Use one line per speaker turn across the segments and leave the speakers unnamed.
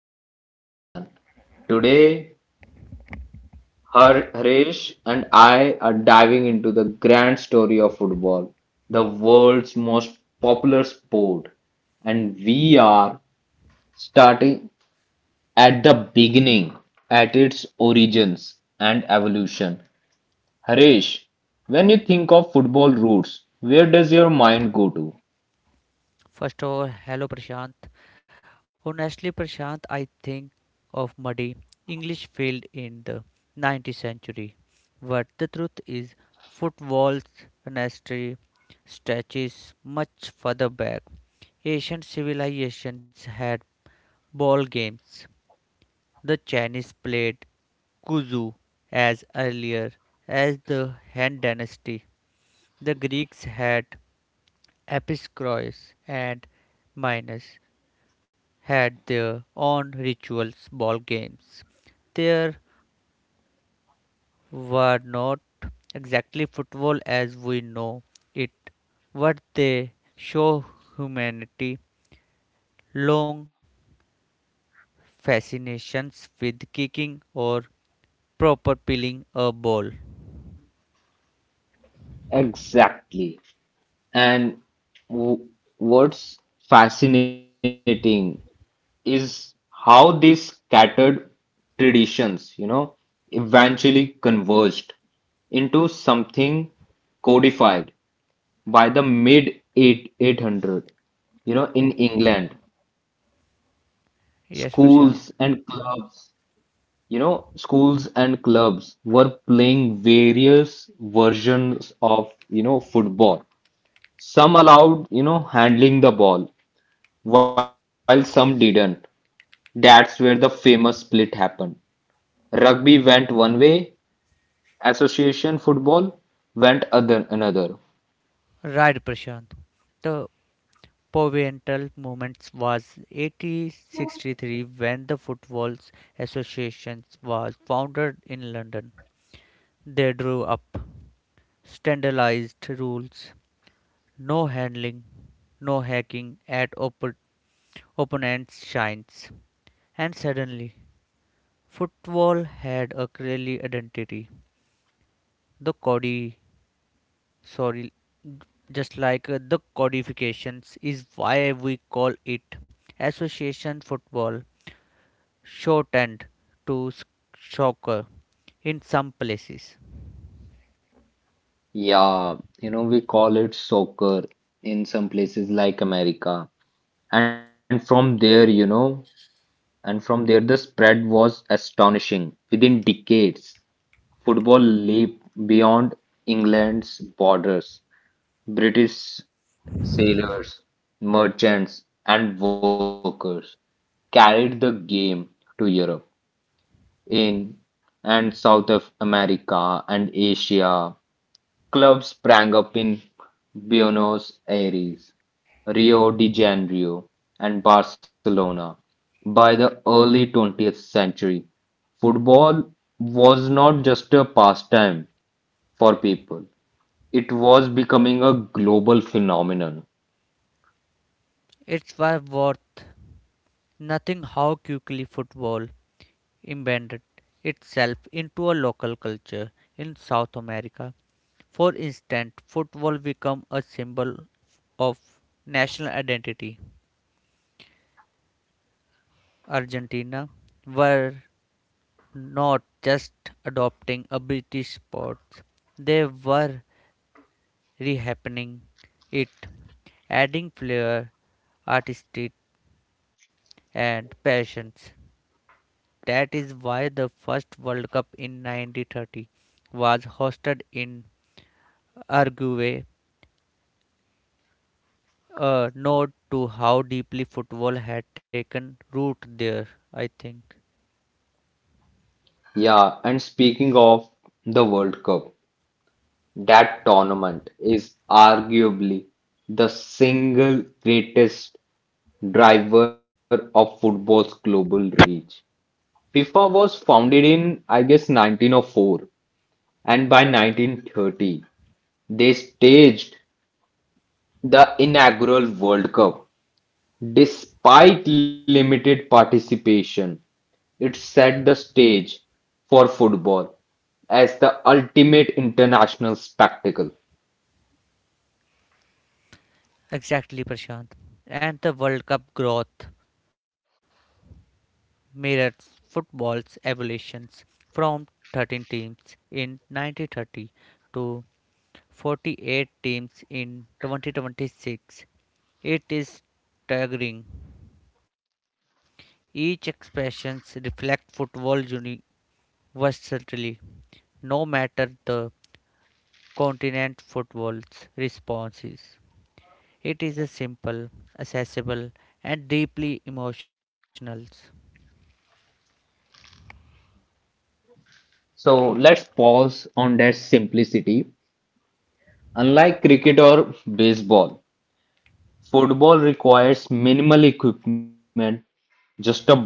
back, everyone. Today, Harish and I are diving into the grand story of football, the world's most popular sport. And we are starting at the beginning, at its origins and evolution. Harish, when you think of football roots, where does your mind go to?
First of all, hello Prashant. Honestly, Prashant, I think of muddy English field in the 19th century. But the truth is, football's history stretches much further back. Asian civilizations had ball games. The Chinese played kuzu as earlier as the Han dynasty. The Greeks had episkros and minors. Had their own rituals, ball games. There were not exactly football as we know it, but they show humanity long fascinations with kicking or proper peeling a ball.
Exactly. And w- what's fascinating is how these scattered traditions, eventually converged into something codified by the mid 8 800 in England
Yes, Prashant.
schools and clubs were playing various versions of football. Some allowed handling the ball, while some didn't. That's where the famous split happened. Rugby went one way, association football went other another.
Right, Prashant. The pivotal moment was 1863 when the Football Association was founded in London. They drew up standardized rules no handling, no hacking at opponents' shines. And suddenly, football had a clearly identity. The codi sorry, just like The codifications, is why we call it association football, shortened to soccer in some places.
Yeah, we call it soccer in some places like America. And from there, you know, and from there the spread was astonishing. Within decades, football leaped beyond England's borders. British sailors, merchants, and workers carried the game to Europe, in and South of America and Asia. Clubs sprang up in Buenos Aires, Rio de Janeiro, and Barcelona. By the early 20th century, football was not just a pastime for people, it was becoming a global phenomenon.
It's why worth Nothing how quickly football embedded itself into a local culture in South America. For instance, football became a symbol of national identity. Argentina were not just adopting a British sport, they were rehappening it, adding flair, artistry, and passions. That is why the first World Cup in 1930 was hosted in Uruguay, a note to how deeply football had taken root there, I think.
Yeah, and speaking of the World Cup, that tournament is arguably the single greatest driver of football's global reach. FIFA was founded in, I guess, 1904, and by 1930, they staged the inaugural World Cup. Despite limited participation, it set the stage for football as the ultimate international spectacle.
Exactly, Prashant. And the World Cup growth mirrors football's evolutions from 13 teams in 1930 to 48 teams in 2026. It is staggering. Each expressions reflect football uni- no matter the continent football's response is. It is a simple, accessible, and deeply emotional.
So let's pause on that simplicity. Unlike cricket or baseball, football requires minimal equipment, just a ball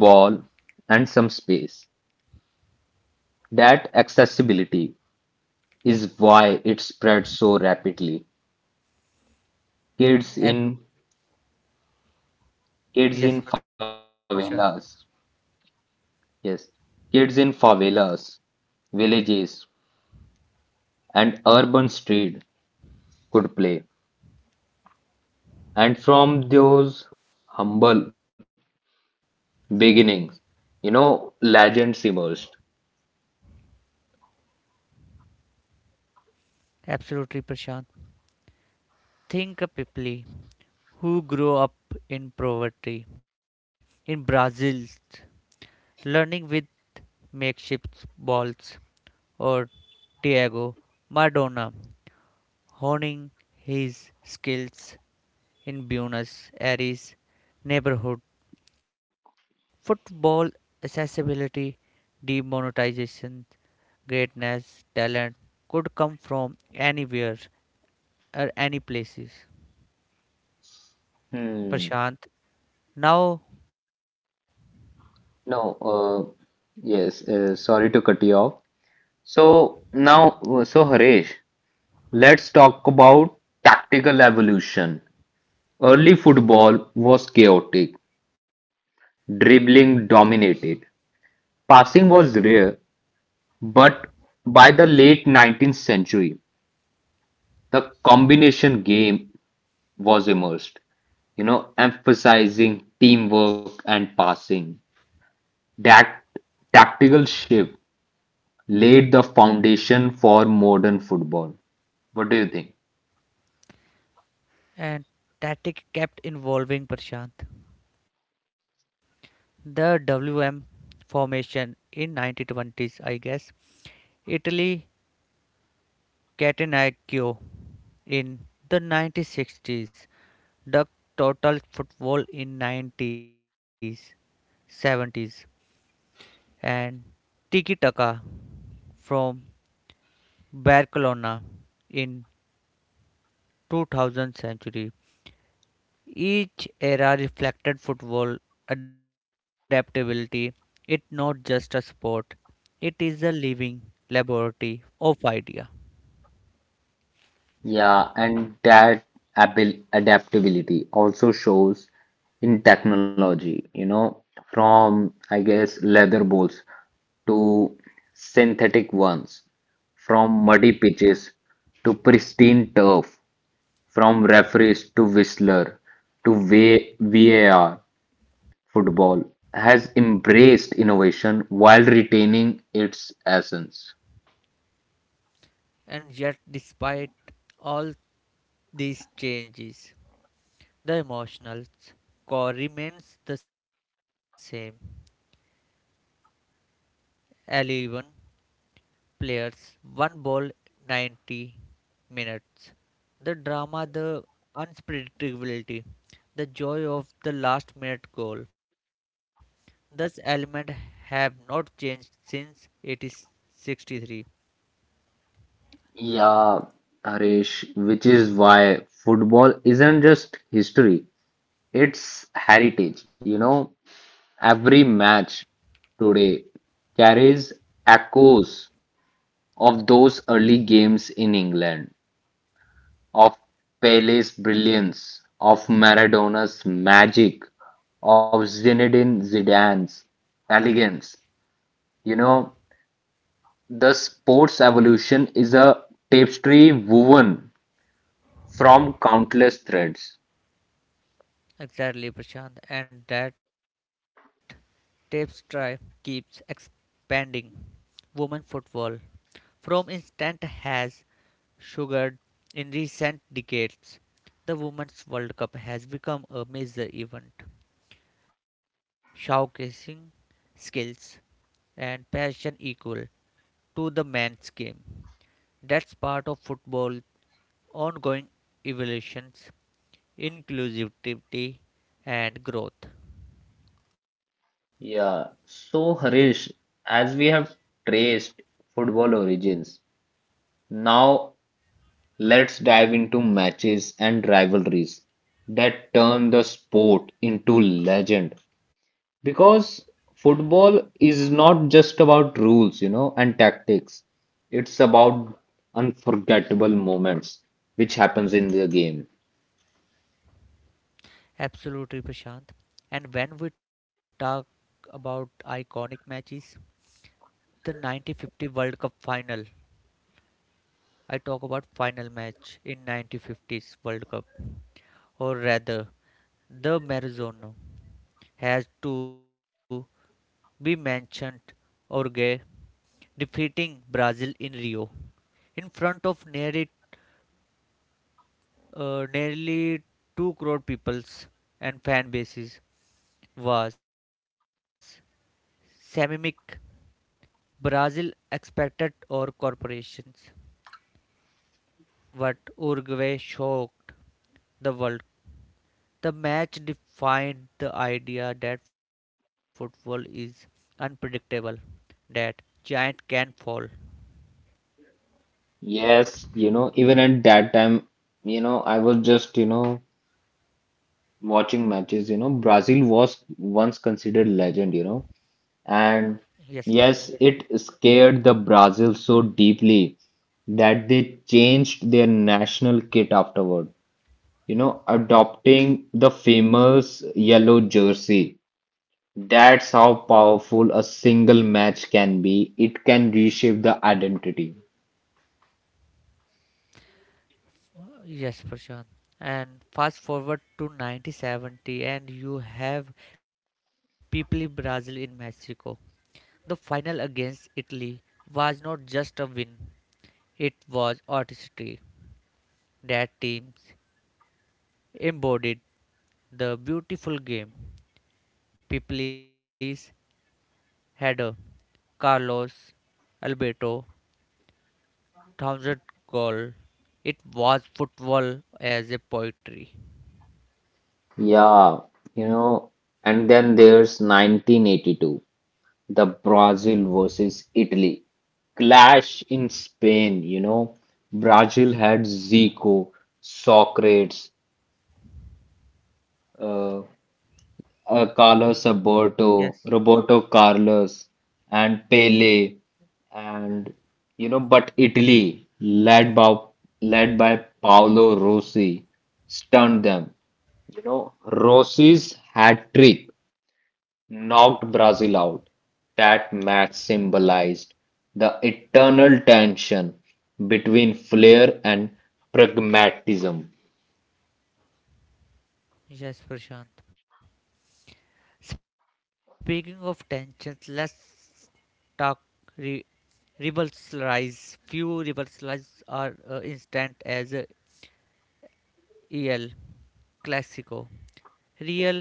and some space. That accessibility is why it spread so rapidly. Kids
Ab-
in kids in
yes, Prashant.
favelas, yes, kids in favelas, villages and urban street could play. And from those humble beginnings, legends emerged.
Absolutely, Prashant. Think of people who grow up in poverty in Brazil, learning with makeshift balls or Diego Maradona honing his skills in Buenos Aires neighborhood football accessibility, demonetization, greatness, talent could come from anywhere or any places.
Hmm.
Prashant now
No, yes, sorry to cut you off. So now, Haresh, let's talk about tactical evolution. Early football was chaotic, dribbling dominated, passing was rare, but by the late 19th century, the combination game was immersed, emphasizing teamwork and passing. That tactical shift laid the foundation for modern football. What do you think?
and tactic kept involving Prashant. The WM formation in 1920s, I guess. Italy Catenaccio. In the 1960s, the total football in 90s, 70s, and Tiki Taka from Barcelona in 2000 century. Each era reflected football adaptability. It's not just a sport; it is a living laboratory of idea.
Yeah, and that adaptability also shows in technology, from I guess leather balls to synthetic ones, from muddy pitches to pristine turf, from referees to whistler to VAR. Football has embraced innovation while retaining its essence.
And yet, despite all these changes, the emotional score remains the same 11 players, 1 ball, 90 minutes. The drama, the unpredictability, the joy of the last minute goal. Thus, element have not changed since 1863.
Yeah, Harish, which is why football isn't just history, it's heritage. You know, every match today carries echoes of those early games in England, of Pele's brilliance, of Maradona's magic, of Zinedine Zidane's elegance. You know, the sport's evolution is a tapestry woven from countless threads.
Exactly, Prashant, and that tapes try keeps expanding. Women football from instant has sugared. In recent decades, the Women's World Cup has become a major event, showcasing skills and passion equal to the men's game. That's part of football's ongoing evolutions, inclusivity, and growth.
Yeah. So, Harish, as we have traced football origins, now let's dive into matches and rivalries that turn the sport into legend. Because football is not just about rules, and tactics. It's about unforgettable moments which happens in the game.
Absolutely, Prashant. And when we talk about iconic matches, the 1950 World Cup final I talk about final match in 1950s World Cup, or rather, the Maradona has to be mentioned. Uruguay defeating Brazil in Rio in front of nearly 2 crore peoples and fan bases was semic Brazil expected or corporations, but Uruguay shocked the world. The match defined the idea that football is unpredictable, that giant can fall.
Yes, even at that time, I was just, watching matches, Brazil was once considered legend,
Yes,
and yes, it scared the Brazil so deeply that they changed their national kit afterward, adopting the famous yellow jersey. That's how powerful a single match can be. It can reshape the identity.
yes, Prashant. And fast forward to 1970, and you have people Brazil in Mexico. The final against Italy was not just a win, it was artistry. That teams embodied the beautiful game. People is Header, Carlos, Alberto, thousand goal. It was football as a poetry.
Yeah, you know, and then there's 1982, the Brazil versus Italy clash in Spain, you know. Brazil had Zico, Socrates, uh, Carlos
Yes,
Alberto, Roberto Carlos, and Pele, and but Italy, led by led by Paolo Rossi, stunned them. Rossi's hat trick knocked Brazil out. That match symbolized the eternal tension between flair and pragmatism.
yes, Prashant. Speaking of tensions, let's talk re- Rebels Rise. Few Rebels Rise are instant as EL Clasico.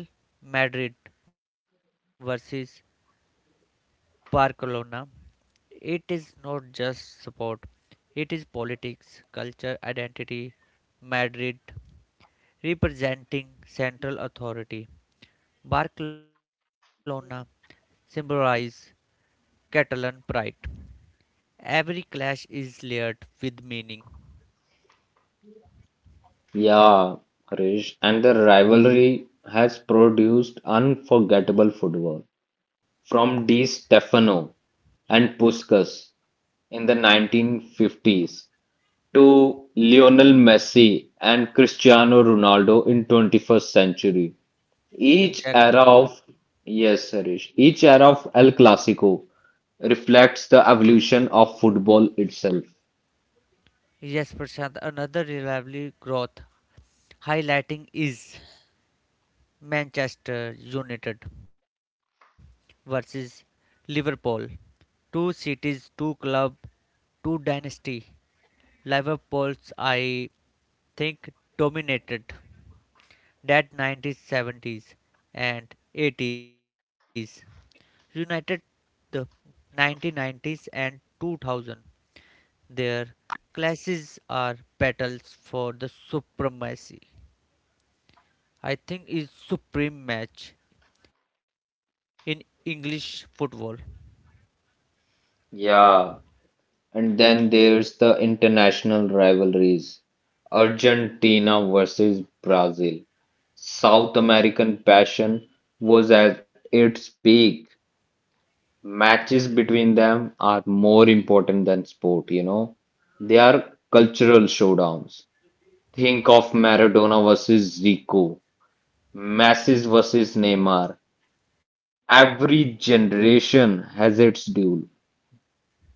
Real Madrid versus Barcelona, it is not just sport, it is politics, culture, identity. Madrid, representing central authority. Barcelona symbolize Catalan pride. Every clash is layered with meaning.
Yeah, Harish, and the rivalry has produced unforgettable football from Di Stefano and Puskas in the 1950s to Lionel Messi and Cristiano Ronaldo in 21st century. Each era
Exactly.
of, yes, Harish, each era of El Clasico reflects the evolution of football itself.
Yes, Prashant, another reliably growth highlighting is Manchester United versus Liverpool. Two cities, two club, two dynasty. Liverpool's I think dominated that 1970s and 80s. United the 1990s and 2000. Their clashes are battles for the supremacy. I think is supreme match in English football.
Yeah. And then there's the international rivalries. Argentina versus Brazil. South American passion was at its peak. Matches between them are more important than sport. They are cultural showdowns. Think of Maradona versus Zico Messi versus Neymar. Every generation has its duel.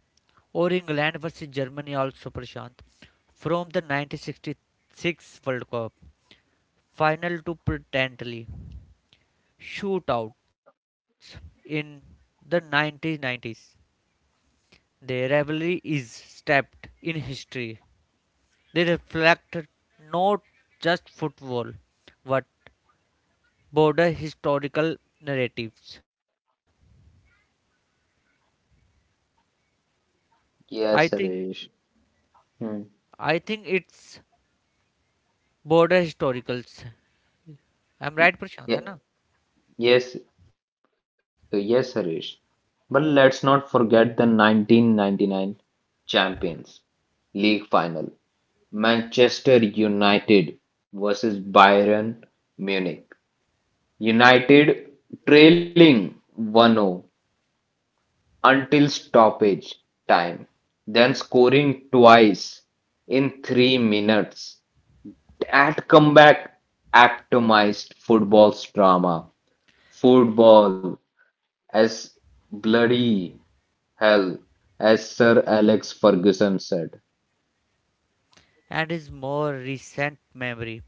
Or England versus Germany also Prashant from the 1966 World Cup final to potentially shootouts in the 1990s. Their rivalry is steeped in history. They reflect not just football but broader historical narratives. I
Yes,
think
Harish. Hmm.
I think it's border historicals. I'm right, Prashant, है
Ye-
ना?
Yes, yes, Harish. But let's not forget the 1999 Champions League final. Manchester United versus Bayern Munich. United trailing 1-0 until stoppage time, then scoring twice in 3 minutes at comeback atomized football's drama. Football as bloody hell, as Sir Alex Ferguson said.
And his more recent memory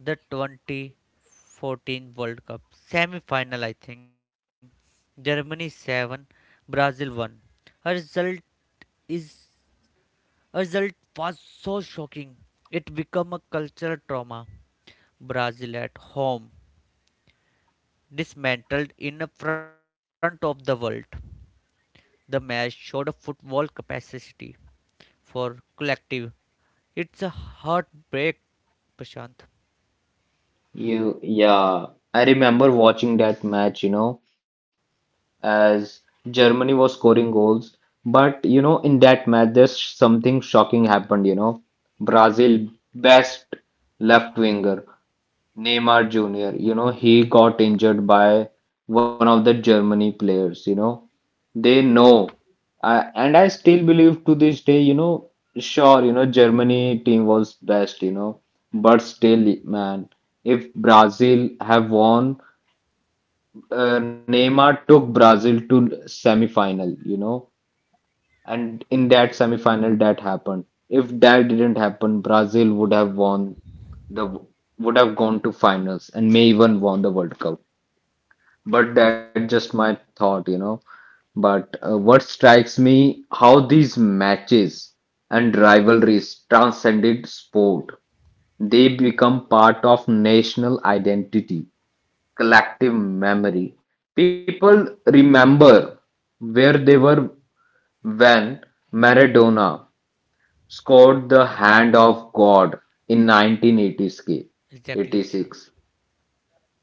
the 2014 World Cup semi final, I think. Germany 7, Brazil 1. A result is a result was so shocking. It became a cultural trauma. Brazil at home dismantled in front of the world. The match showed a football capacity for collective. It's a heartbreak, Prashant.
Yeah, I remember watching that match, as Germany was scoring goals. But, in that match, there's something shocking happened. Brazil, best left winger. Neymar Jr. He got injured by one of the Germany players. They know, and I still believe to this day. Sure, Germany team was best. But still, man, if Brazil have won, Neymar took Brazil to semi final. And in that semifinal, that happened. If that didn't happen, Brazil the would have gone to finals and may even won the World Cup. But that's just my thought. But what strikes me how these matches and rivalries transcended sport. They become part of national identity, collective memory. People remember where they were when Maradona scored "The Hand of God" in nineteen
Exactly, Prashant.
eighty-six,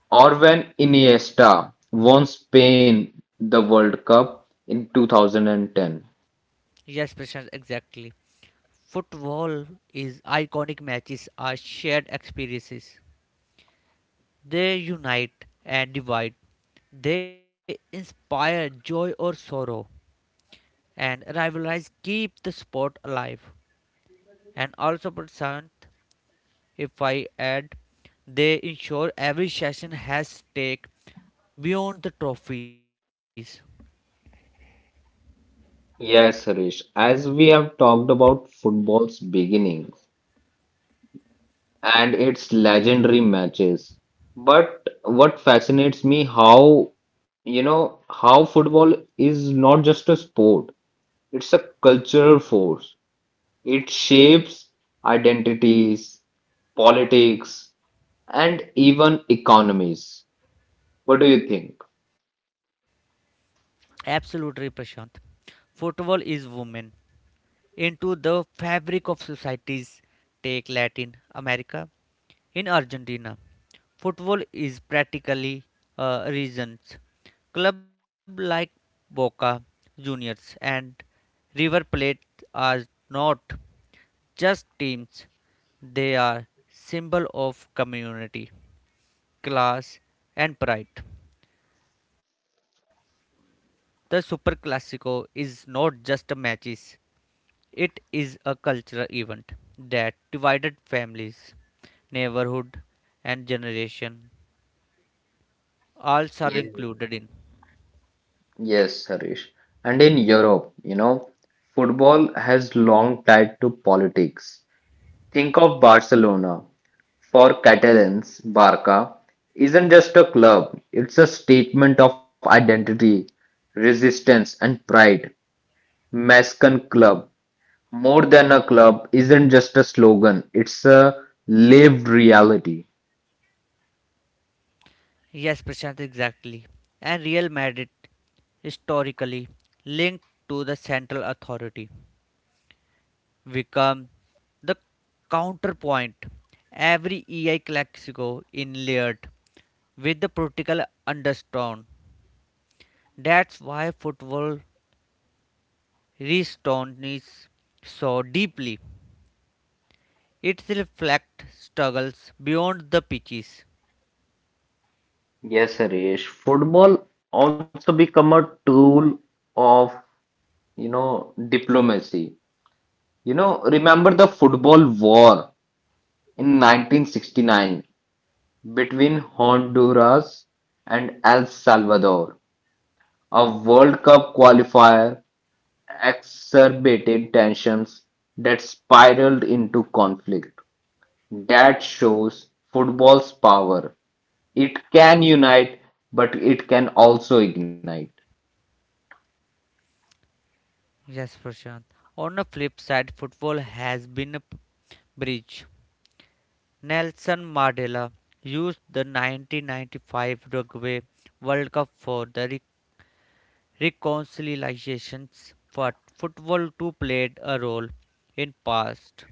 or when Iniesta won Spain the World Cup in 2010.
Yes, Prashant, exactly. Football is iconic matches are shared experiences. They unite and divide. They inspire joy or sorrow, and rivalries keep the sport alive. And also, Prashant, if I add, they ensure every session has stake beyond the trophies.
Yes, Harish, as we have talked about football's beginnings and its legendary matches, but what fascinates me how football is not just a sport, it's a cultural force. It shapes identities, politics, and even economies. What do you think?
Absolutely, Prashant. Football is women. Into the fabric of societies. Take Latin America. In Argentina, football is practically a religion. Club like Boca Juniors and River Plate are not just teams; they are symbol of community, class, and pride. The Super Classico is not just a matches; it is a cultural event that divided families, neighborhood, and generation. All are
Yes.
included in.
Yes, Harish. And in Europe, football has long tied to politics. Think of Barcelona. For Catalans, Barca isn't just a club, it's a statement of identity, resistance, and pride. Mascan Club More than a club isn't just a slogan, it's a lived reality.
Yes, Prashant, exactly. And Real Madrid, historically linked to the central authority, become the counterpoint. Every EI Classico inlaid with the political undertone. That's why football resonates so deeply. It reflects struggles beyond the pitches.
Yes, Harish. Football also become a tool of diplomacy. Remember the football war in 1969 between Honduras and El Salvador, a World Cup qualifier exacerbated tensions that spiraled into conflict. That shows football's power. It can unite, but it can also ignite.
Yes, Prashant. On the flip side, football has been a bridge. Nelson Mandela used the 1995 Uruguay World Cup for the reconciliation, but football too played a role in past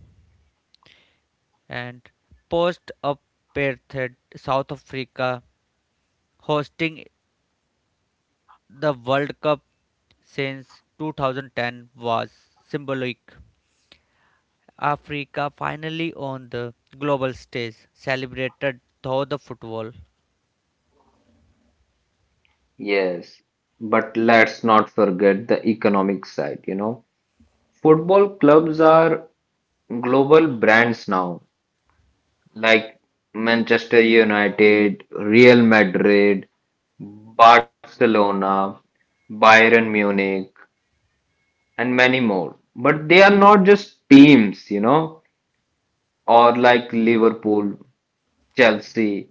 and post apartheid South Africa hosting the World Cup since 2010 was symbolic. Africa finally on the global stage celebrated through the football.
Yes, but let's not forget the economic side. Football clubs are global brands now, like Manchester United, Real Madrid, Barcelona, Bayern Munich, and many more. But they are not just teams, or like Liverpool, Chelsea.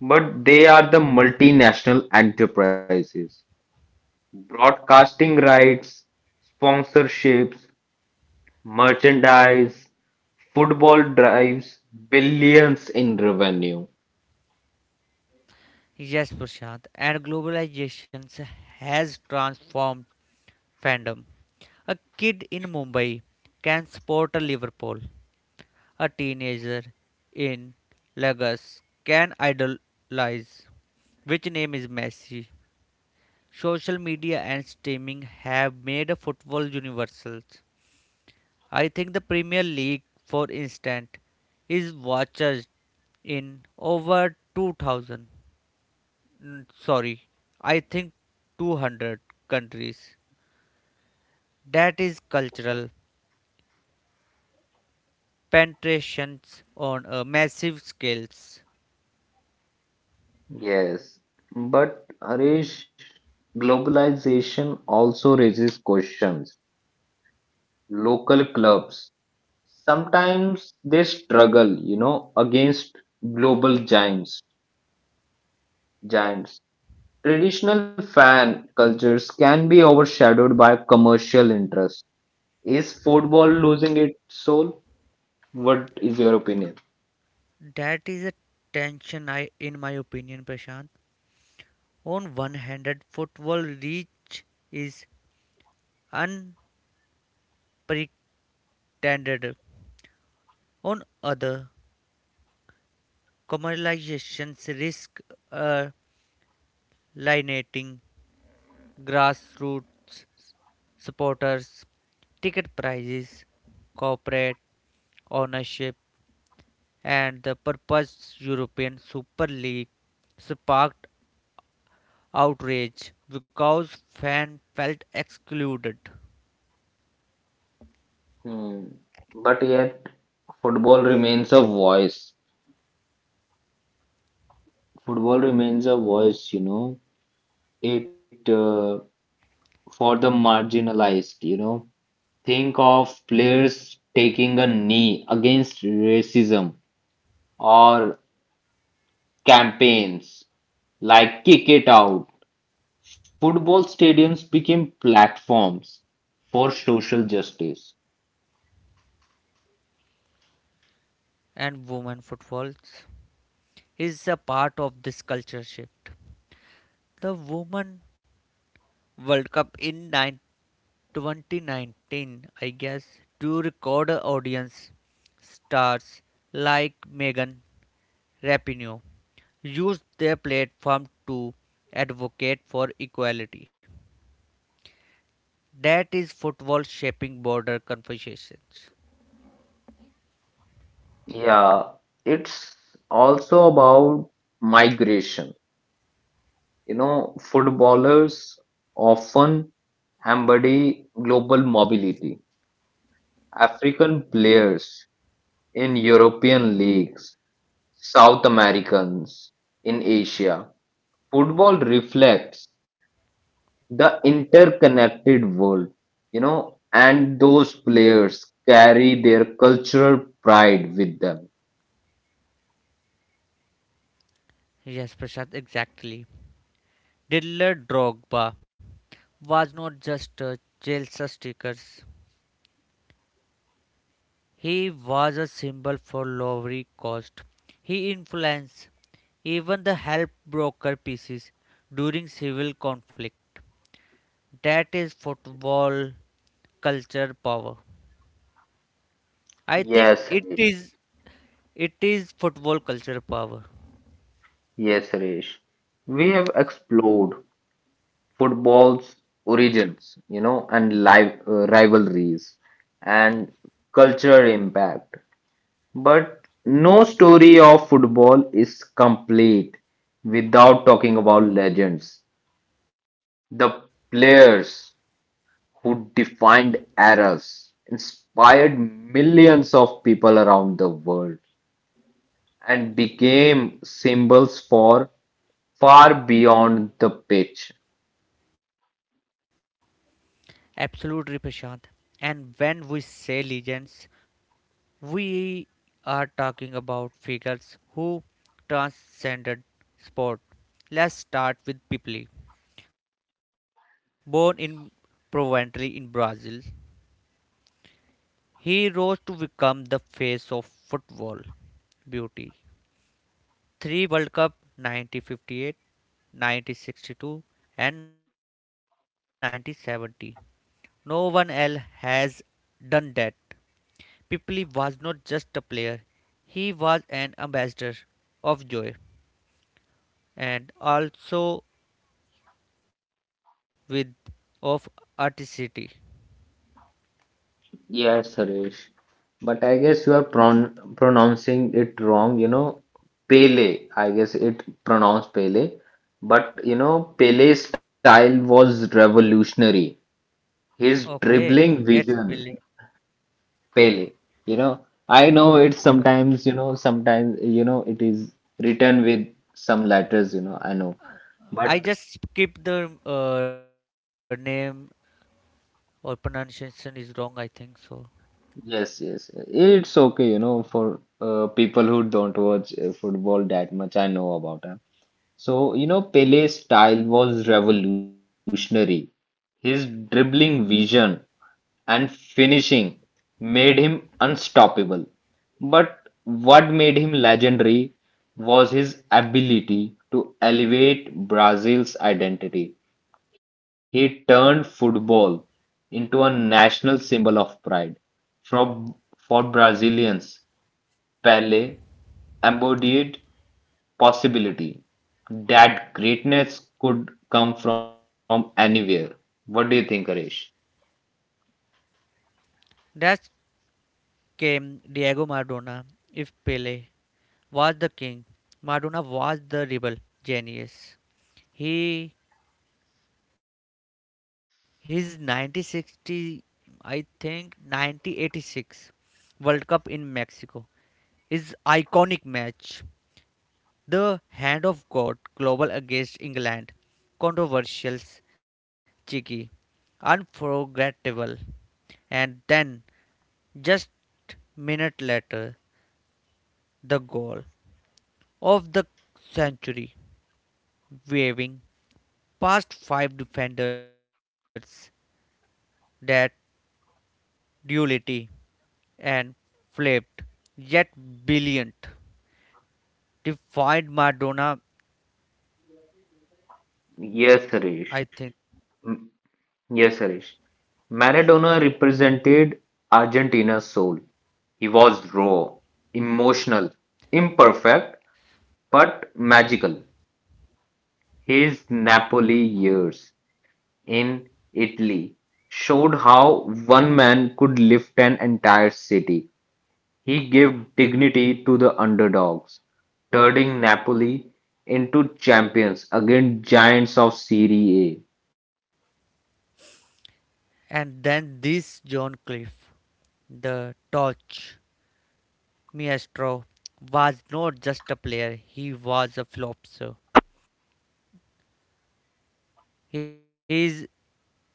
But they are the multinational enterprises. Broadcasting rights, sponsorships, merchandise, football drives billions in revenue.
Yes, Prashant, and globalization has transformed fandom. A kid in Mumbai can support a Liverpool. A teenager in Lagos can idolize which name is Messi. Social media and streaming have made football universal. I think the Premier League, for instance, is watched in over 2000 mm, sorry i think 200 countries that is cultural penetrations on a massive scales
Yes, but Harish, globalization also raises questions. Local clubs, sometimes they struggle, against global giants. Traditional fan cultures can be overshadowed by commercial interests. Is football losing its soul? What is your opinion?
that is a tension I in my opinion prashant on one handed football reach is unprecedented. On other, commercializations risk uh, alienating grassroots supporters, ticket prices, corporate ownership, and the proposed European Super League sparked outrage because fans felt excluded
Hmm. But yet, football remains a voice. Football remains a voice. It for the marginalized. Think of players taking a knee against racism or campaigns like Kick It Out. Football stadiums became platforms for social justice.
and women footballs is a part of this culture shift. The Women World Cup in 2019, I guess, to record audience stars like Megan Rapinoe used their platform to advocate for equality. That is football shaping border conversations.
Yeah, it's also about migration. Footballers often embody global mobility. African players in European leagues, South Americans in Asia. Football reflects the interconnected world, and those players carry their cultural pride with them.
Yes, Prashant, exactly. Didier Drogba was not just a Chelsea stickers. He was a symbol for lowering cost. He influenced even the help broker pieces during civil conflict. That is football culture power. I think
Yes,
it
Harish.
is it is football culture power.
Yes, Harish. We have explored football's origins, and rivalries and cultural impact. But no story of football is complete without talking about legends, the players who defined eras, inspired millions of people around the world, and became symbols for far beyond the pitch.
Absolutely Prashant. And when we say legends, we are talking about figures who transcended sport. Let's start with Pipli. Born in Proventre in Brazil, he rose to become the face of football beauty. Three World Cup 1958, and 1970. No one else has done that. Pipli was not just a player, he was an ambassador of joy and also with of artistry.
Yes, Suresh. But I guess you are pronouncing it wrong. Pele, I guess it pronounced Pele. But Pele's style was revolutionary. His
Okay,
dribbling
it's
vision,
brilliant.
fail you know i know it's sometimes you know it is written with some letters. I know, but
I just skip the name or pronunciation is wrong, I think so.
yes, yes, it's okay for people who don't watch football that much I know about him. So Pele's style was revolutionary. His dribbling vision and finishing made him unstoppable. But what made him legendary was his ability to elevate Brazil's identity. He turned football into a national symbol of pride. For, for Brazilians, Pele embodied possibility that greatness could come from anywhere. What do you think, Harish?
Next came Diego Maradona. If Pele was the king, Maradona was the rebel genius. He his 1960, I think 1986 World Cup in Mexico is iconic match the Hand of God Global Against England, controversial, cheeky, unforgettable, and then just a minute later the goal of the century, waving past five defenders that duality and flipped yet brilliant defined Madonna
Yes,
I
Suresh.
think.
Yes, Harish. Maradona represented Argentina's soul. He was raw, emotional, imperfect, but magical. His Napoli years in Italy showed how one man could lift an entire city. He gave dignity to the underdogs, turning Napoli into champions against giants of Serie A.
And then this John Cliff, the torch maestro, was not just a player, he was a philosopher. He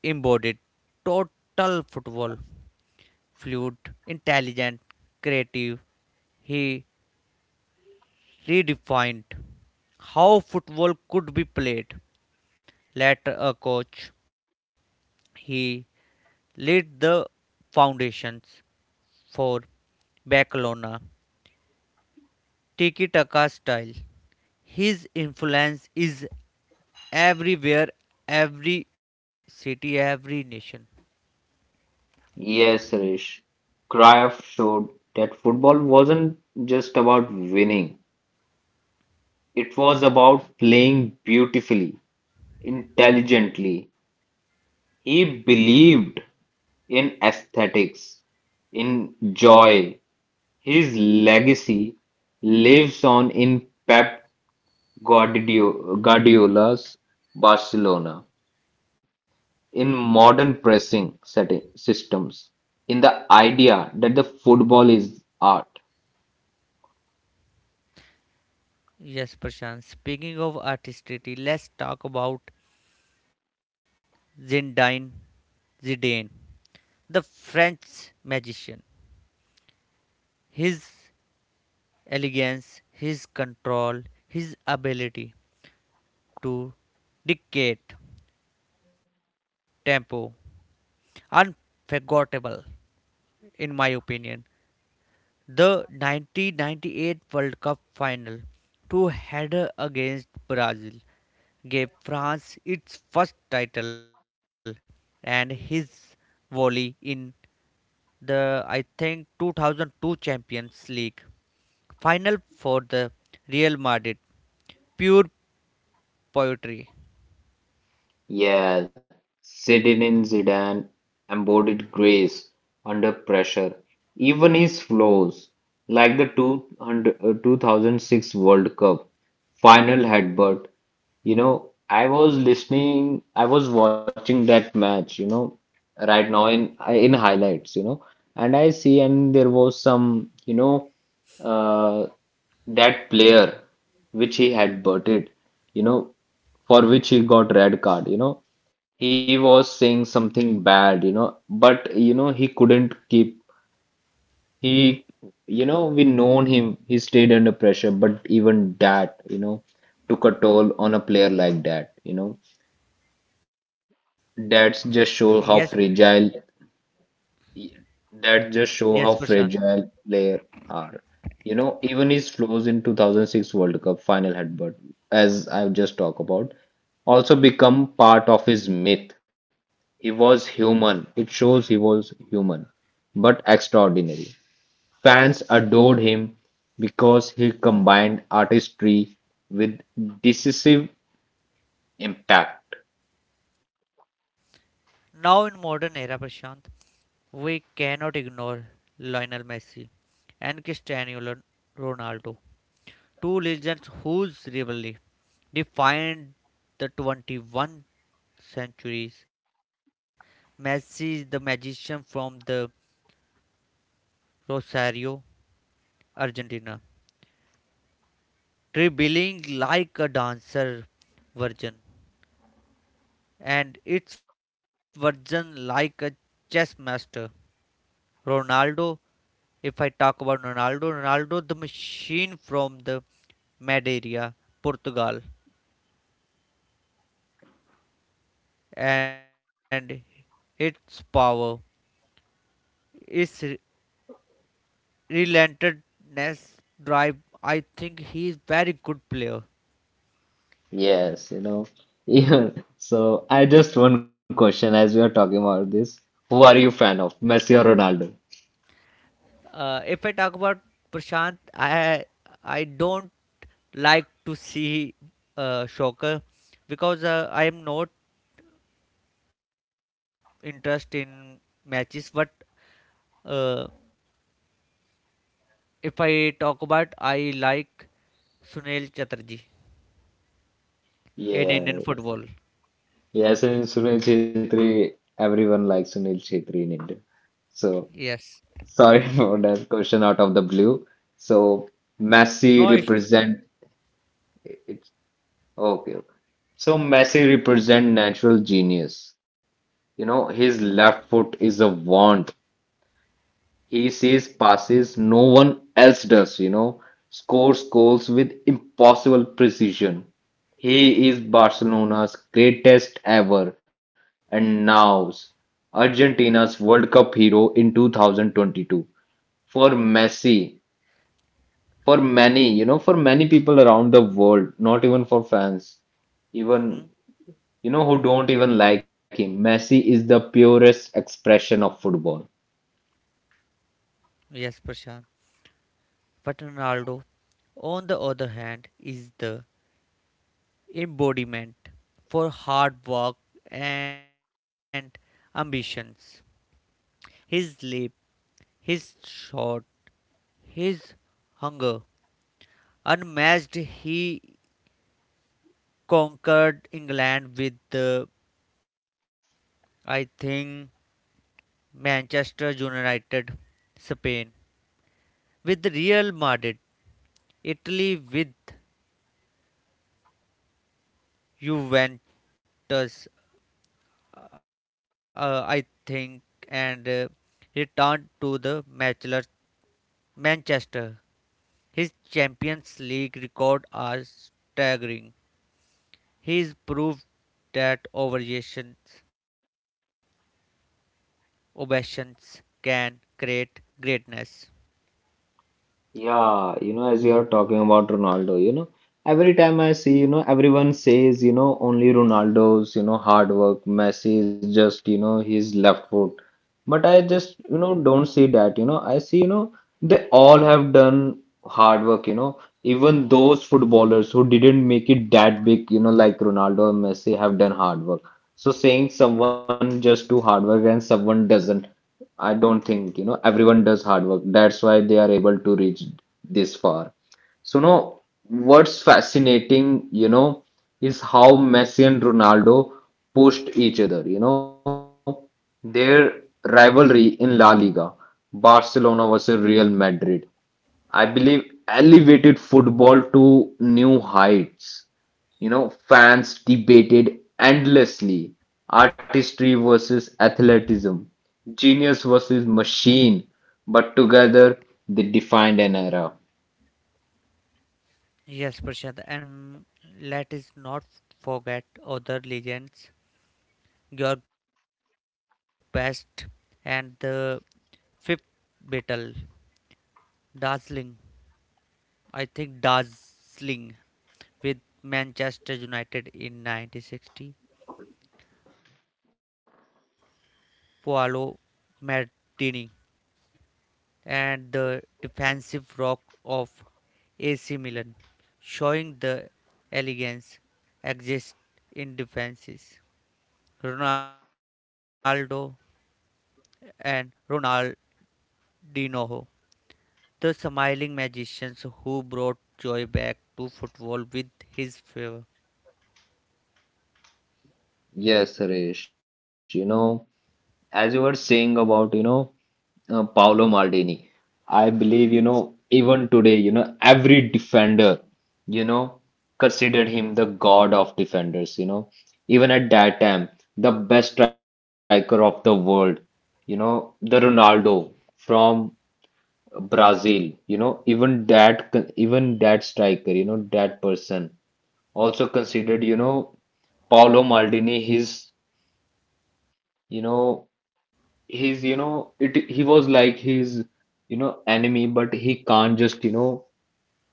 embodied total football, fluid, intelligent, creative. He redefined how football could be played. Later, a coach, he laid the foundations for Barcelona Tiki Taka style. His influence is everywhere, every city, every nation.
Yes, Suresh. Cruyff showed that football wasn't just about winning. It was about playing beautifully, intelligently. He believed in aesthetics, in joy. His legacy lives on in Pep Guardiola's Barcelona, in modern pressing setting systems, in the idea that the football is art.
Yes, Prashant. Speaking of artistry, let's talk about Zinedine Zidane, the French magician. His elegance, his control, his ability to dictate tempo, unforgettable, in my opinion. The 1998 World Cup final, two header against Brazil, gave France its first title, and his volley in the I think 2002 Champions League final for the Real Madrid, pure poetry.
Yeah, Zinedine Zidane embodied grace under pressure. Even his flaws, like the 2006 World Cup final headbutt, I was listening, I was watching that match, right now in highlights, and I see and there was some, uh, that player which he had butted, you know, for which he got red card, he was saying something bad, he couldn't keep he we known him, he stayed under pressure, but even that, took a toll on a player like that. That's just show
Yes,
how fragile Y- That just show how
yes, Prashant.
fragile players are. You know, even his flaws in 2006 World Cup final headbutt, as I've just talked about, also become part of his myth. He was human. It shows he was human, but extraordinary. Fans adored him because he combined artistry with decisive impact.
Now in modern era, Prashant, we cannot ignore Lionel Messi and Cristiano Ronaldo two legends whose rivalry defined the 21st centuries. Messi, the magician from the Rosario, Argentina, dribbling like a dancer virgin, and its virgin like a chess master. Ronaldo, if I talk about Ronaldo, Ronaldo the machine from the Madeira, Portugal, and its power is relentless drive. I think he's very good player.
Yes, even so. I just one question as we are talking about this. Who are you fan of, Messi or Ronaldo?
If I talk about Prashant, I don't like to see Shocker because I am not interest in matches. But uh, if I talk about, I like Sunil Chatterjee in Indian
Yes,
football.
yes, and Sunil Chhetri. Everyone likes Sunil Chhetri in India. So
Yes.
sorry for that question out of the blue. So Messi
No issue.
represent it's okay. Okay. So Messi represent natural genius. You know, his left foot is a wand. He sees passes no one else does, scores goals with impossible precision. He is Barcelona's greatest ever and now's Argentina's World Cup hero in 2022. For Messi, for many, for many people around the world, not even for fans, even,
Mm-hmm.
who don't even like him, Messi is the purest expression of football.
Yes, Prashant. But Ronaldo, on the other hand, is the embodiment for hard work and ambitions. His leap, his shot, his hunger. Unmatched, he conquered England with, I think, Manchester United, Spain, with Real Madrid, Italy with Juventus, I think, and returned to the matchless Manchester. His Champions League record are staggering. He's proved that ovations can create greatness.
Yeah, as you're talking about Ronaldo, every time I see, everyone says, only Ronaldo's, hard work. Messi is just, his left foot. But I just, don't see that. I see, they all have done hard work, Even those footballers who didn't make it that big, like Ronaldo and Messi have done hard work. So saying someone just do hard work and someone doesn't. I don't think, everyone does hard work. That's why they are able to reach this far. So, no, what's fascinating, is how Messi and Ronaldo pushed each other. Their rivalry in La Liga, Barcelona versus Real Madrid, I believe elevated football to new heights. You know, fans debated endlessly artistry versus athleticism, genius versus machine, but together they defined an era.
Yes, Prashant, and let us not forget other legends, Georg Best and the fifth battle, dazzling. I think dazzling with Manchester United in 1960, Paolo Maldini and the defensive rock of AC Milan, showing the elegance exists in defenses. Ronaldo and Ronaldinho, the smiling magicians who brought joy back to football with his favor,
Yes, Suresh, as you were saying about, Paolo Maldini. I believe, even today, every defender, you know, considered him the god of defenders, Even at that time, the best striker of the world, the Ronaldo from Brazil, even that striker, that person also considered, Paolo Maldini his, you know, he was like his enemy but he can't just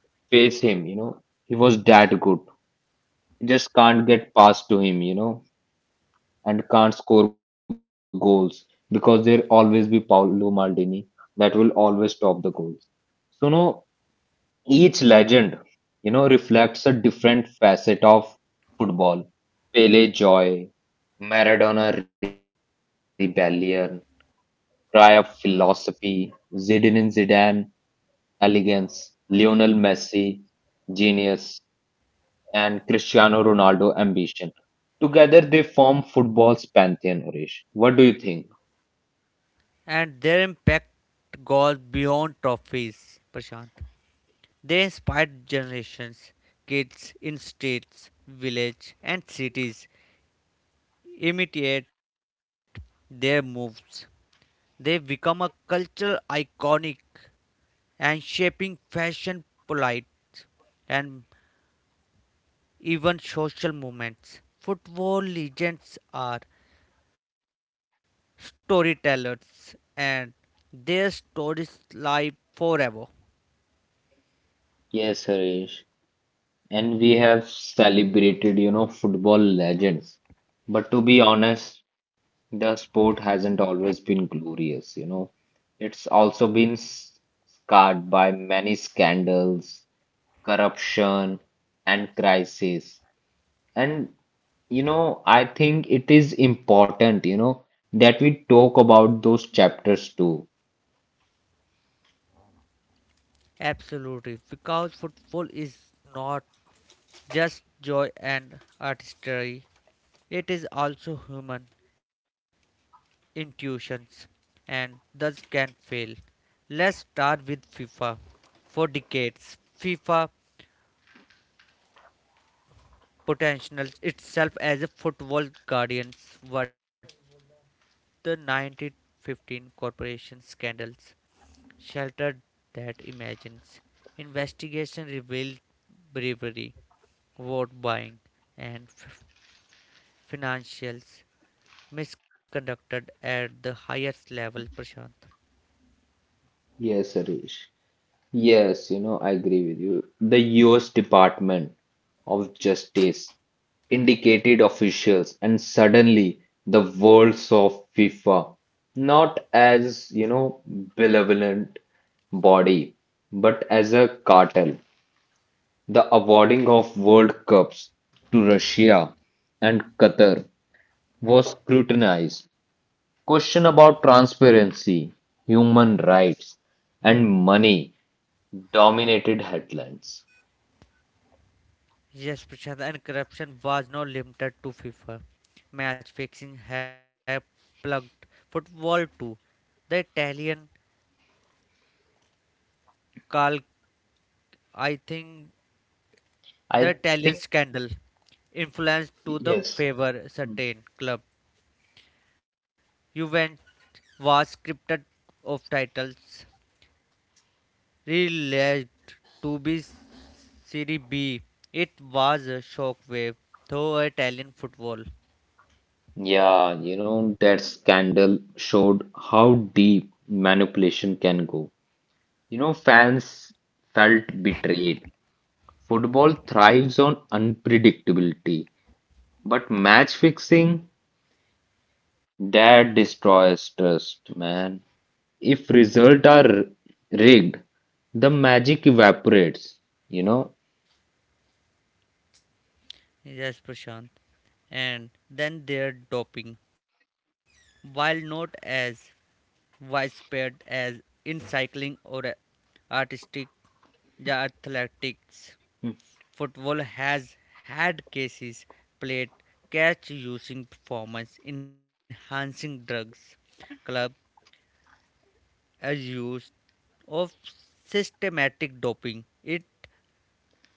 face him he was that good. Just can't get past to him and can't score goals because there always be Paolo Maldini that will always stop the goals. So no, each legend reflects a different facet of football. Pele joy, Maradona rebellion, cry of philosophy, Zidane elegance, Lionel Messi genius, and Cristiano Ronaldo ambition. Together they form football's pantheon, Harish. What do you think?
and their impact goes beyond trophies. Prashant, they inspired generations, kids in states, villages, and cities imitate their moves. They become a cultural iconic and shaping fashion, polite, and even social movements. Football legends are storytellers and their stories live forever.
Yes, Harish. And we have celebrated, football legends. But to be honest, the sport hasn't always been glorious, It's also been scarred by many scandals, corruption, and crises. And I think it is important, that we talk about those chapters too.
Absolutely, because football is not just joy and artistry, it is also human intuitions and thus can fail. Let's start with FIFA. For decades, FIFA potentials itself as a football guardian. What the 1915 corporation scandals sheltered that imagines. Investigation revealed bribery, vote buying, and financials misconducted at the highest level. Prashant.
Yes, Harish. Yes, I agree with you. The US Department of Justice indicated officials, and suddenly the worlds of FIFA, not as, benevolent body, but as a cartel. The awarding of World Cups to Russia and Qatar was scrutinized. Question about transparency, human rights, and money dominated headlines.
Yes, Prashant, and corruption was not limited to FIFA. Match fixing have plugged football too. The Italian Cal, I think the
I think,
Italian scandal influenced to the
yes.
favor certain club. Juventus was scripted of titles realized to be Serie B. It was a shockwave through Italian football.
Yeah, that scandal showed how deep manipulation can go. You know, fans felt betrayed. Football thrives on unpredictability, but match fixing, that destroys trust, man. If results are rigged, the magic evaporates, you know.
Yes, Prashant. And then there's doping. While not as widespread as in cycling or artistic the athletics,
Mm.
football has had cases played catch using performance enhancing drugs. Club as use of systematic doping. It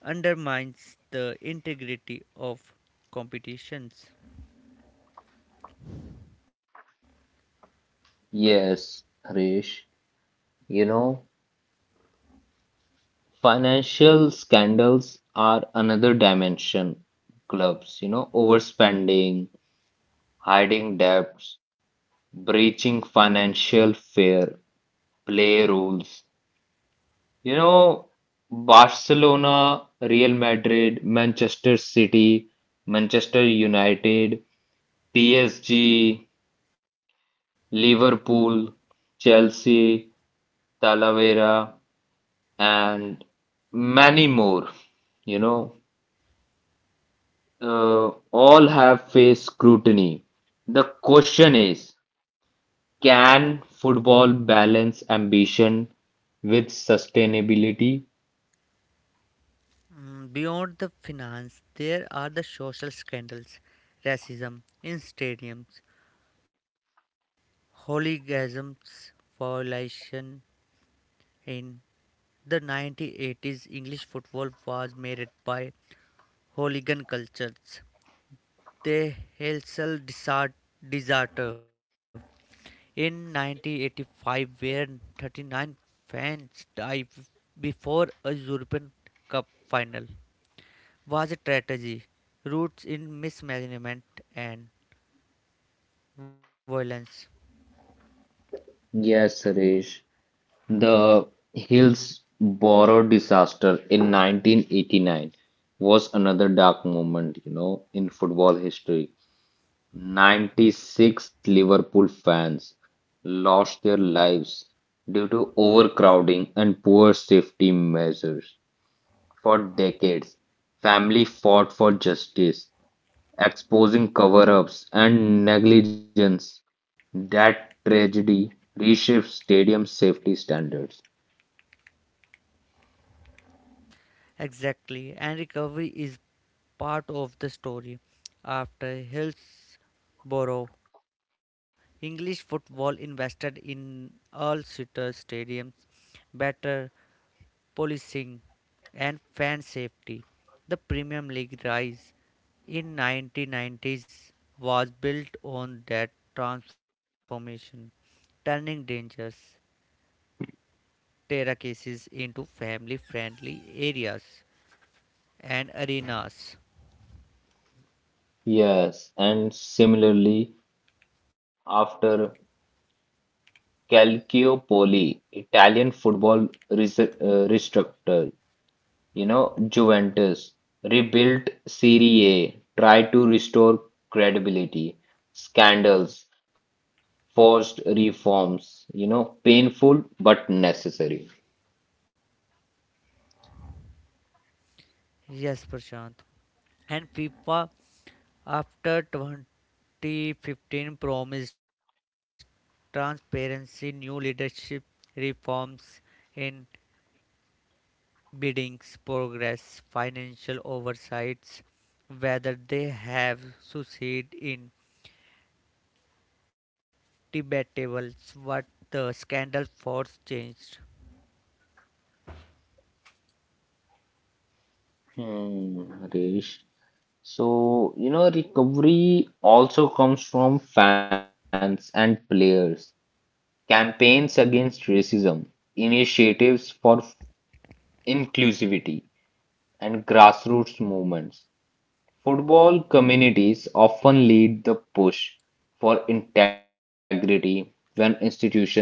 undermines the integrity of competitions.
Yes, Harish, you know, financial scandals are another dimension. Clubs, overspending, hiding debts, breaching financial fair play rules. You know, Barcelona, Real Madrid, Manchester City, Manchester United, PSG, Liverpool, Chelsea, Talavera, and many more, you know, all have faced scrutiny. The question is, can football balance ambition with sustainability?
Mm, beyond the finance, there are the social scandals, racism in stadiums, hooliganisms, violation in the 1980s. English football was marred by hooligan cultures. The Helsel desert, deserter in 1985, where 39 fans died before a European Cup final was a strategy, roots in mismanagement and violence.
Yes, Suresh. The Hillsborough disaster in 1989 was another dark moment, in football history. 96 Liverpool fans lost their lives due to overcrowding and poor safety measures. For decades, family fought for justice, exposing cover-ups and negligence. That tragedy reshaped stadium safety standards.
Exactly, and recovery is part of the story. After Hillsborough, English football invested in all seater stadiums, better policing, and fan safety. The Premier League rise in 1990s was built on that transformation, turning dangers terraces into family friendly areas and arenas.
Yes, and similarly, after Calciopoli, Italian football restructured. You know, Juventus rebuilt Serie A, tried to restore credibility, scandals, forced reforms, painful but necessary.
Yes, Prashant. And FIFA, after 2015, promised transparency, new leadership reforms in biddings, progress, financial oversights, whether they have succeeded in debatables, what the scandal force changed.
Hmm, Harish. So, recovery also comes from fans and players, campaigns against racism, initiatives for inclusivity, and grassroots movements. Football communities often lead the push for integrity when institutions fail.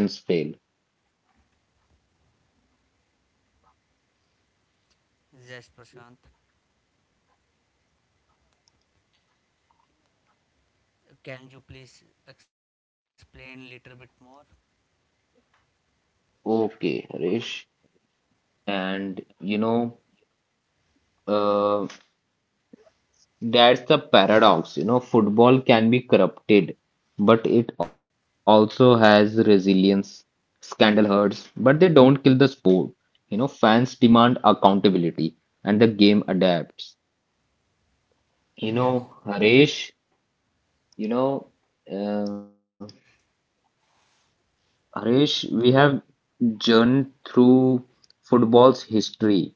Yes, Prashant. Can you please explain little bit more?
Okay, Harish. And uh, that's the paradox. You know, football can be corrupted, but it also has resilience. Scandal hurts, but they don't kill the sport. You know, fans demand accountability and the game adapts. You know,
Yes,
Harish, you know, uh, Harish, we have journeyed through football's history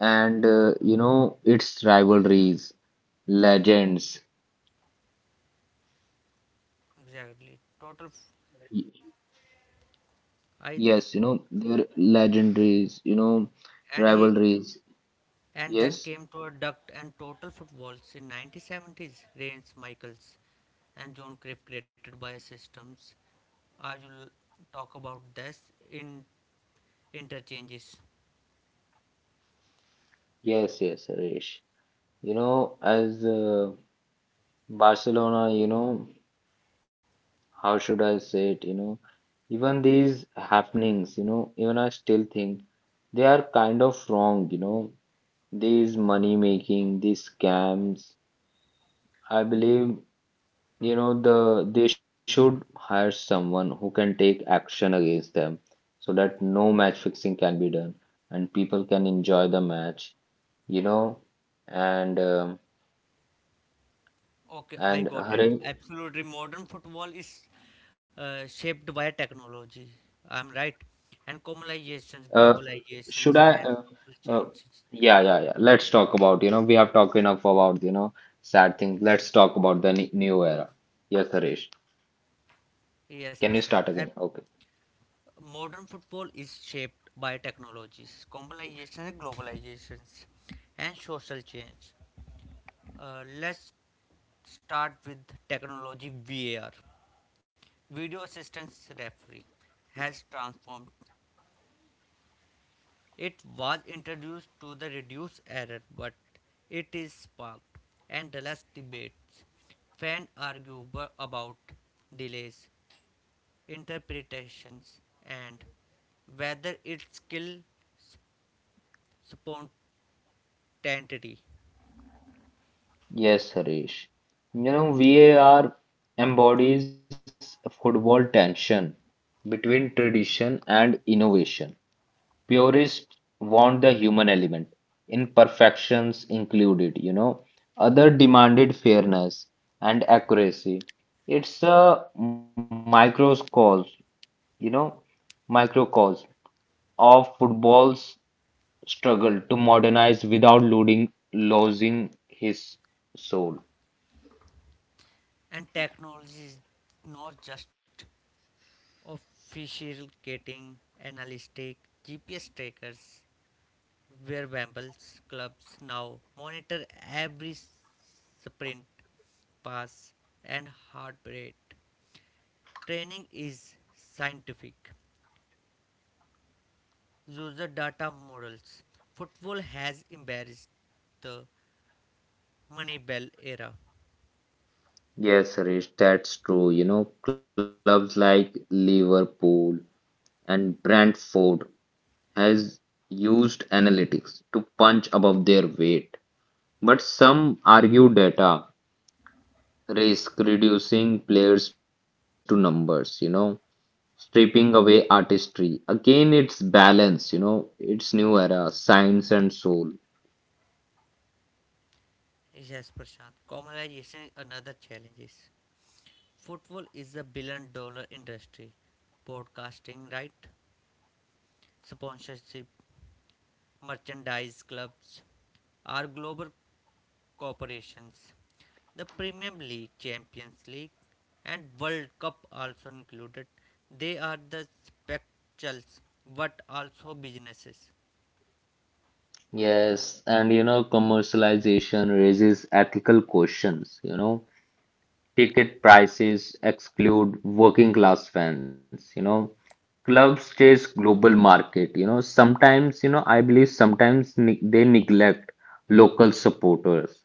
and its rivalries, legends.
exactly.
Y-
Total,
Yes,
I th-
their legendaries. You know
and he
rivalries.
and then
Yes,
came to a duct and total footballs in 1970s. Reigns, Michaels, and John Cruyff created by systems. I will talk about this in interchanges.
yes, Harish. You know as Barcelona, how should I say it? You know even these happenings. You know even I still think they are kind of wrong. You know these money making, these scams. I believe, they should hire someone who can take action against them so that no match fixing can be done and people can enjoy the match, you know. And um
Okay,
and
I got it.
Hari,
Absolutely, modern football is shaped by technology. I'm right, and
uh,
globalizations,
should I?
globalizations, and
Uh,
social change.
yeah, yeah, yeah. Let's talk about, we have talked enough about, sad things. Let's talk about the new era. Yes, Harish. Can you
Yes,
start again?
Prashant.
Okay.
And modern football is shaped by technologies, globalization and globalizations, and social change. Let's start with technology VAR. Video assistance referee has transformed. It was introduced to the reduce error, but it is sparked endless debates. Fans argue about delays, interpretations and whether its skill, spontaneity,
Yes, Harish. You know, VAR embodies football tension between tradition and innovation. Purists want the human element, imperfections included, Other demanded fairness and accuracy. It's a microcosm, you know, microcosm of football's struggle to modernize without losing his soul.
and technology is not just obfuscating analytic GPS trackers, where Wembles clubs now monitor every sprint, pass, and heart rate. Training is scientific. User data models. Football has embarrassed the Money Bell era
Yes, Suresh, that's true. You know, clubs like Liverpool and Brentford has used analytics to punch above their weight. But some argue data risk reducing players to numbers, stripping away artistry. Again, it's balance, it's new era, science and soul.
is as Prashant. Commercialization and other challenges. Football is a billion dollar industry. Broadcasting right, sponsorship, merchandise clubs are global corporations. The Premier League, Champions League, and World Cup also included. They are the spectacles but also businesses.
Yes, and commercialization raises ethical questions, ticket prices exclude working class fans club stays global market sometimes I believe sometimes they neglect local supporters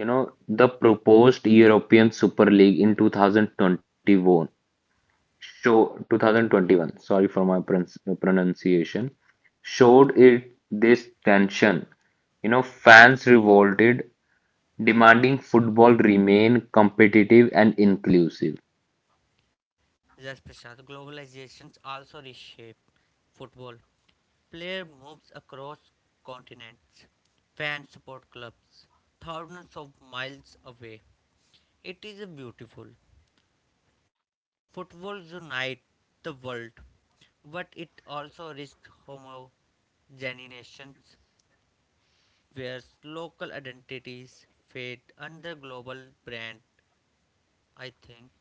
the proposed european super league in 2021 show 2021 sorry for my pronunciation showed it this tension fans revolted demanding football remain competitive and inclusive.
Yes, Prashant. Globalizations also reshape football. Player moves across continents. Fans support clubs thousands of miles away. It is a beautiful. Football unites the world, but it also risks homogeneization, where local identities fade under global brand. I think.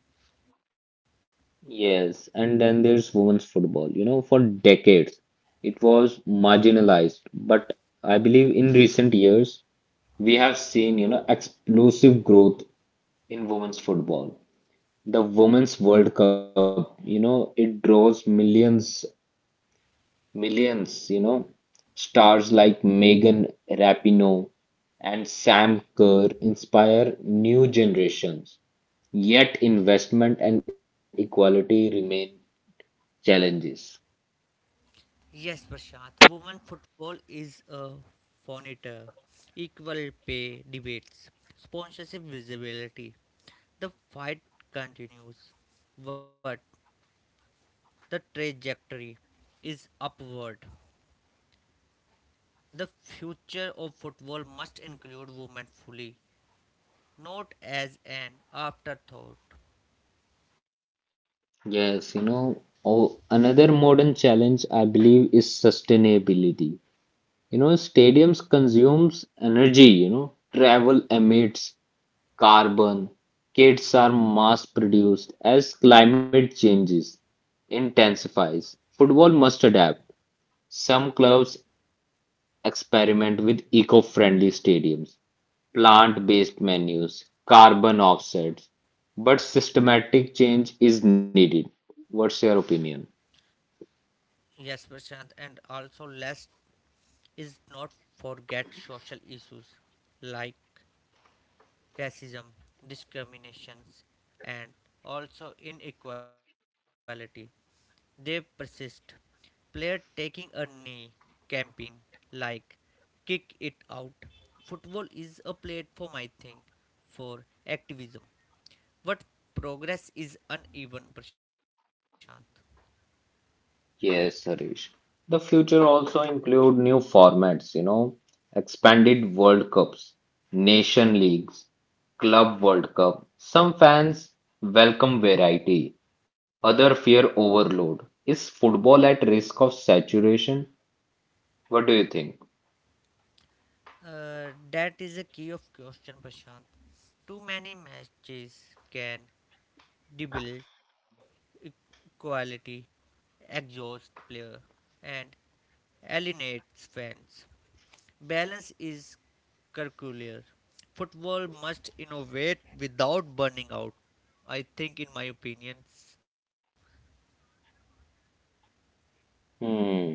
Yes, and then there's women's football. You know, for decades it was marginalized, but I believe in recent years we have seen, explosive growth in women's football. The Women's World Cup, it draws millions, millions, stars like Megan Rapinoe and Sam Kerr inspire new generations. Yet investment and equality remain challenges.
Yes, Prashant. Women football is a furniture, equal pay debates, sponsorship visibility. The fight continues, but the trajectory is upward. The future of football must include women fully, not as an afterthought.
Yes, oh, another modern challenge I believe is sustainability. You know, stadiums consumes energy, travel emits carbon, kits are mass produced as climate changes intensifies. Football must adapt. Some clubs experiment with eco-friendly stadiums, plant-based menus, carbon offsets, but systematic change is needed. What's your opinion?
Yes, Prashant, and also let's is not forget social issues like racism, discriminations, and also inequality. They persist. Player taking a knee campaign like kick it out. Football is a platform, I think, for activism. But progress is uneven, Prashant.
Yes, Harish. The future also include new formats, expanded World Cups, nation leagues, club World Cup. Some fans welcome variety, other fear overload. Is football at risk of saturation? What do you think?
That is a key of question, Prashant. Too many matches can dibble, equality, exhaust player, and alienates fans. Balance is curricular. Football must innovate without burning out. I think, in my opinion,
Hmm.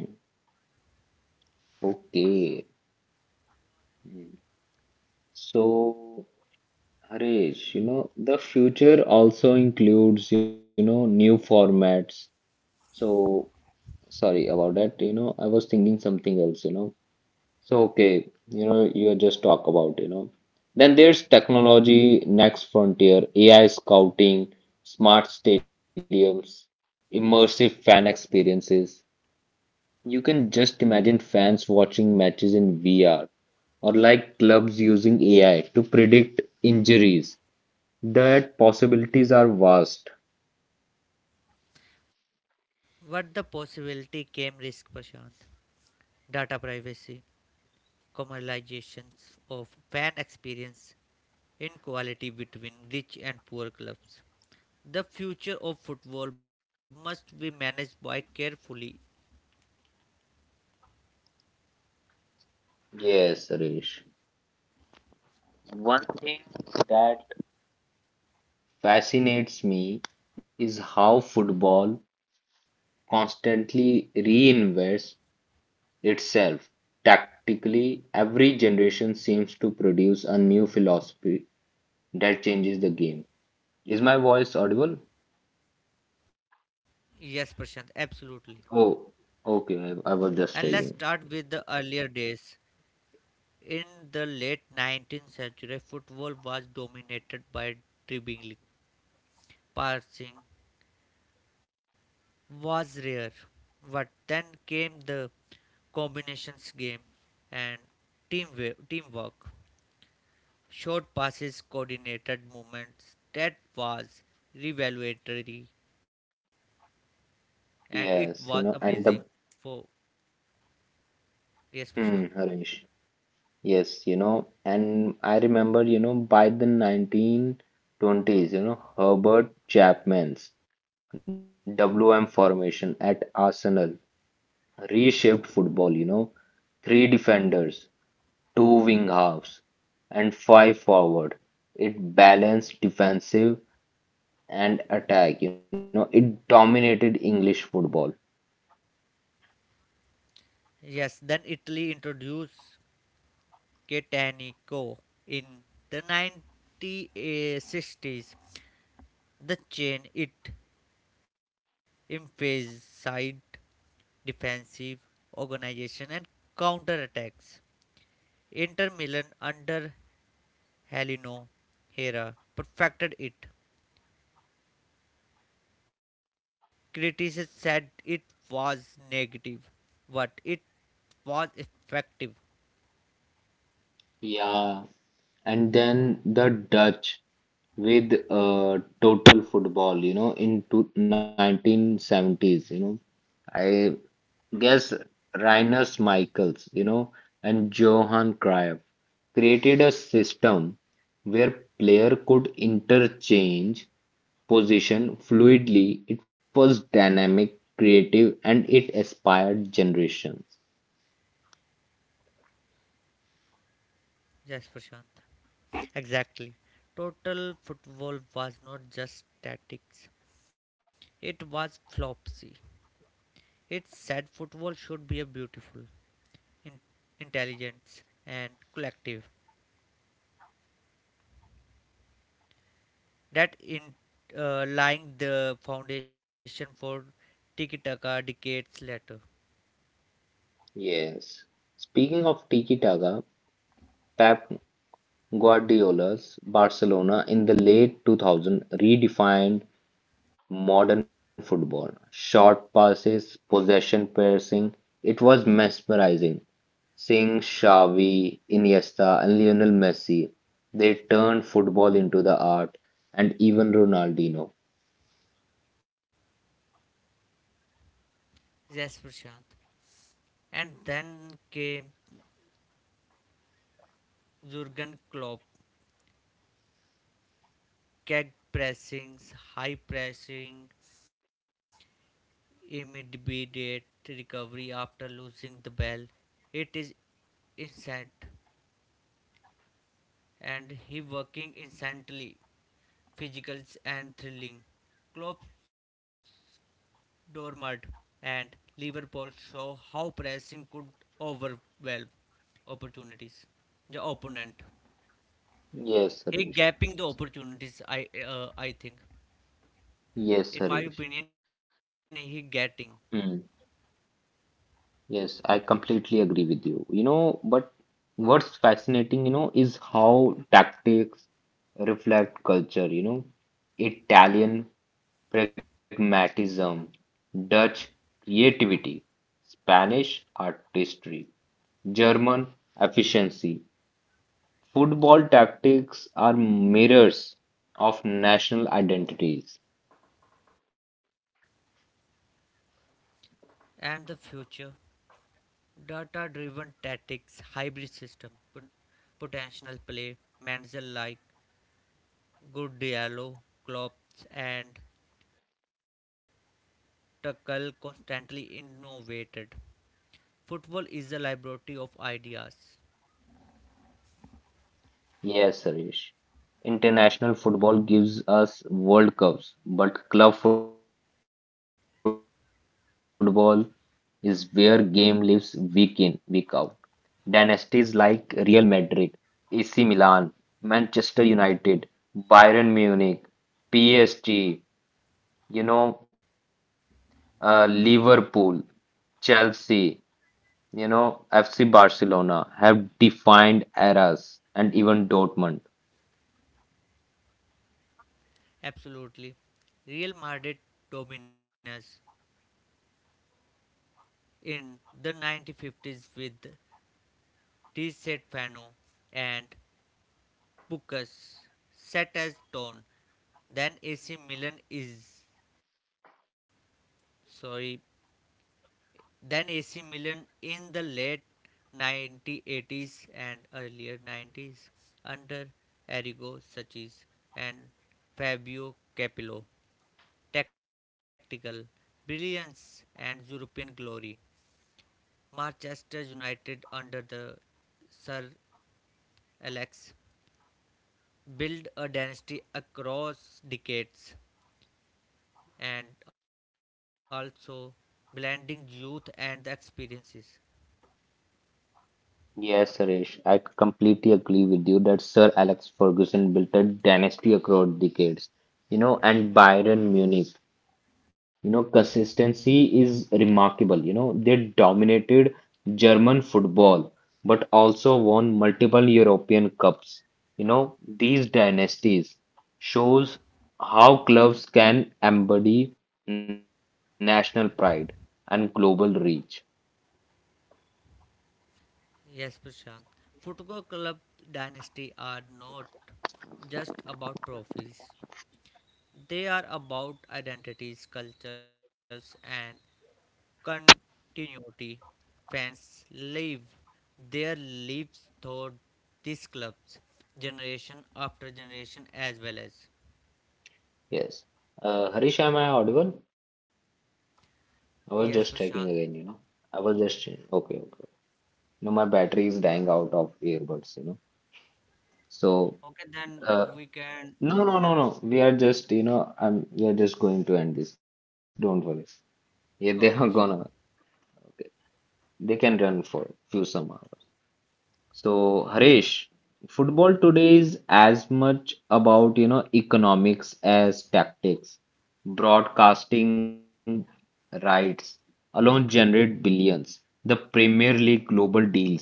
Okay. Hmm. So, Harish, the future also includes, new formats. So, sorry about that. You know, I was thinking something else, So, okay, you just talk about. Then there's technology, next frontier, AI scouting, smart stadiums, immersive fan experiences. You can just imagine fans watching matches in VR or like clubs using AI to predict injuries. That possibilities are vast.
what the possibility came risk, Prashant. Data privacy, commercializations of fan experience, inequality between rich and poor clubs. The future of football must be managed by carefully.
Yes, Suresh. One thing that fascinates me is how football constantly reinvents itself. Tactically, every generation seems to produce a new philosophy that changes the game. Is my voice audible?
Yes, Prashant, absolutely.
Oh, okay. I was just
And let's
checking.
start with the earlier days. In the late 19th century, football was dominated by dribbling. Passing was rare. But then came the combinations game and team teamwork. Short passes, coordinated movements. That was revelatory and
Yes, you
it
know,
was
and the
amazing. For
hmm,
yes, Prashant.
Harish. Yes, and I remember, by the 1920s, Herbert Chapman's WM formation at Arsenal reshaped football, Three defenders, two wing halves, and five forward. It balanced defensive and attack, It dominated English football.
Yes, then Italy introduced Catanico in the 1960s. The chain it emphasized defensive organization and counterattacks. Inter Milan under Helino Hera perfected it. Critics said it was negative, but it was effective.
Yeah. And then the Dutch with total football, in 1970s, I guess Rinus Michaels, and Johan Cruyff created a system where player could interchange position fluidly. It was dynamic, creative, and it inspired generations.
Yes, Prashant. Exactly. Total football was not just tactics. It was flopsy. It said football should be a beautiful, in- intelligence, and collective. That in lying the foundation for tiki taka decades later.
Yes. Speaking of Tiki Taka, Pep Guardiola's Barcelona in the late 2000 redefined modern football. Short passes, possession piercing. It was mesmerizing seeing Xavi, Iniesta, and Lionel Messi. They turned football into the art, and even Ronaldinho.
Yes, Prashant. And then came Jurgen Klopp, keg pressings, high pressing, immediate recovery after losing the ball. It is insane and he working incessantly, physical and thrilling. Klopp's Dortmund and Liverpool show how pressing could overwhelm opportunities. The opponent,
Yes,
he
Harish.
gapping the opportunities. I think,
Yes,
in my
Harish.
opinion, he getting
Hmm. Yes, I completely agree with you. You know, but what's fascinating, is how tactics reflect culture, Italian pragmatism, Dutch creativity, Spanish artistry, German efficiency. Football tactics are mirrors of national identities.
and the future, data-driven tactics, hybrid system, potential play, manager like good dialogue, Klopp and spectacle constantly innovated. Football is the laboratory of ideas.
Yes, Harish. International football gives us World Cups, but club football is where game lives week in, week out. Dynasties like Real Madrid, AC Milan, Manchester United, Bayern Munich, PSG, you know, Liverpool, Chelsea, FC Barcelona have defined eras and even Dortmund.
Absolutely. Real Madrid dominance in the 1950s with Reset Fano and Bukas set as tone. Then AC Milan is sorry than AC Milan in the late 1980s and earlier 90s under Arrigo Sacchi and Fabio Capello. Tactical brilliance and European glory. Manchester United under the Sir Alex built a dynasty across decades and also blending youth and the experiences.
Yes, Suresh, I completely agree with you that Sir Alex Ferguson built a dynasty across decades, and Bayern Munich, consistency is remarkable. You know, they dominated German football, but also won multiple European cups. You know, these dynasties shows how clubs can embody national pride and global reach.
Yes, Prashant. Football club dynasty are not just about trophies. They are about identities, cultures, and continuity. Fans live their lives through these clubs, generation after generation, as well as.
Yes. Harish, am I audible? I was just
Yes,
checking
Prashant.
again, I was just okay, okay. You know, my battery is dying out of earbuds, So,
Okay, then
uh,
we can.
no, no, no, no. We are just, you know, I'm. We are just going to end this. Don't worry.
Okay,
Yeah, they
Prashant.
are gonna. Okay, they can run for few some hours. So,
Okay.
Harish, football today is as much about, economics as tactics. Broadcasting rights alone generate billions. The Premier League global deals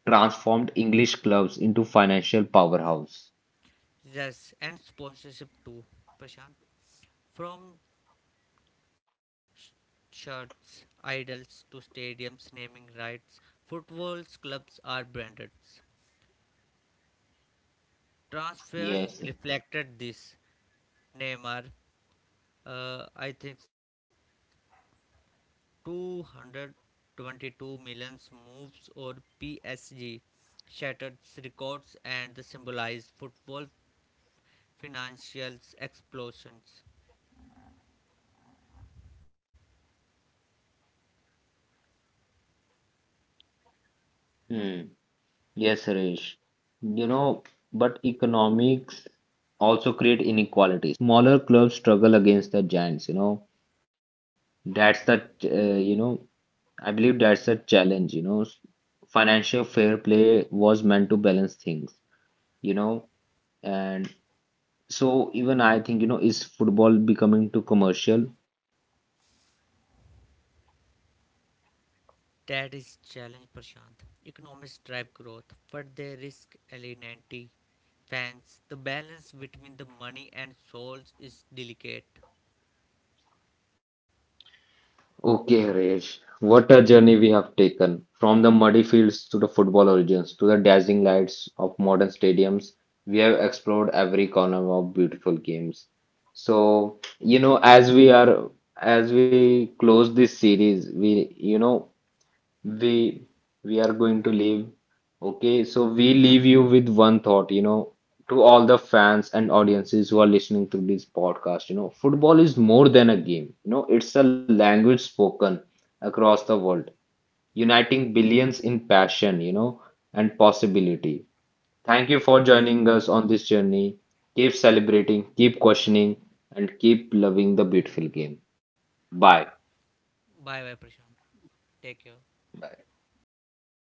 transformed English clubs into financial powerhouse.
Yes, and sponsorship too, Prashant. From shirts, idols to stadiums naming rights, football's clubs are branded. Transfers
Yes.
reflected this. Neymar, I think 222 million moves or PSG shattered records and symbolized football financial explosions.
Hmm. Yes, Harish. You know, but economics also create inequality. Smaller clubs struggle against the giants, That's the, I believe that's a challenge, Financial fair play was meant to balance things, you know. And so even I think, is football becoming too commercial?
That is challenge, Prashant. Economics drive growth, but they risk alienating fans. The balance between the money and souls is delicate.
Okay, Harish, what a journey we have taken from the muddy fields to the football origins to the dazzling lights of modern stadiums. We have explored every corner of beautiful games. So, as we close this series, we, you know, we we are going to leave. Okay, so we leave you with one thought, to all the fans and audiences who are listening to this podcast, football is more than a game. You know, it's a language spoken across the world, uniting billions in passion, and possibility. Thank you for
Yes, Prashant.
joining us on this journey. Keep celebrating, keep questioning, and keep loving the beautiful game. Bye.
Bye bye, Prashant. Take care.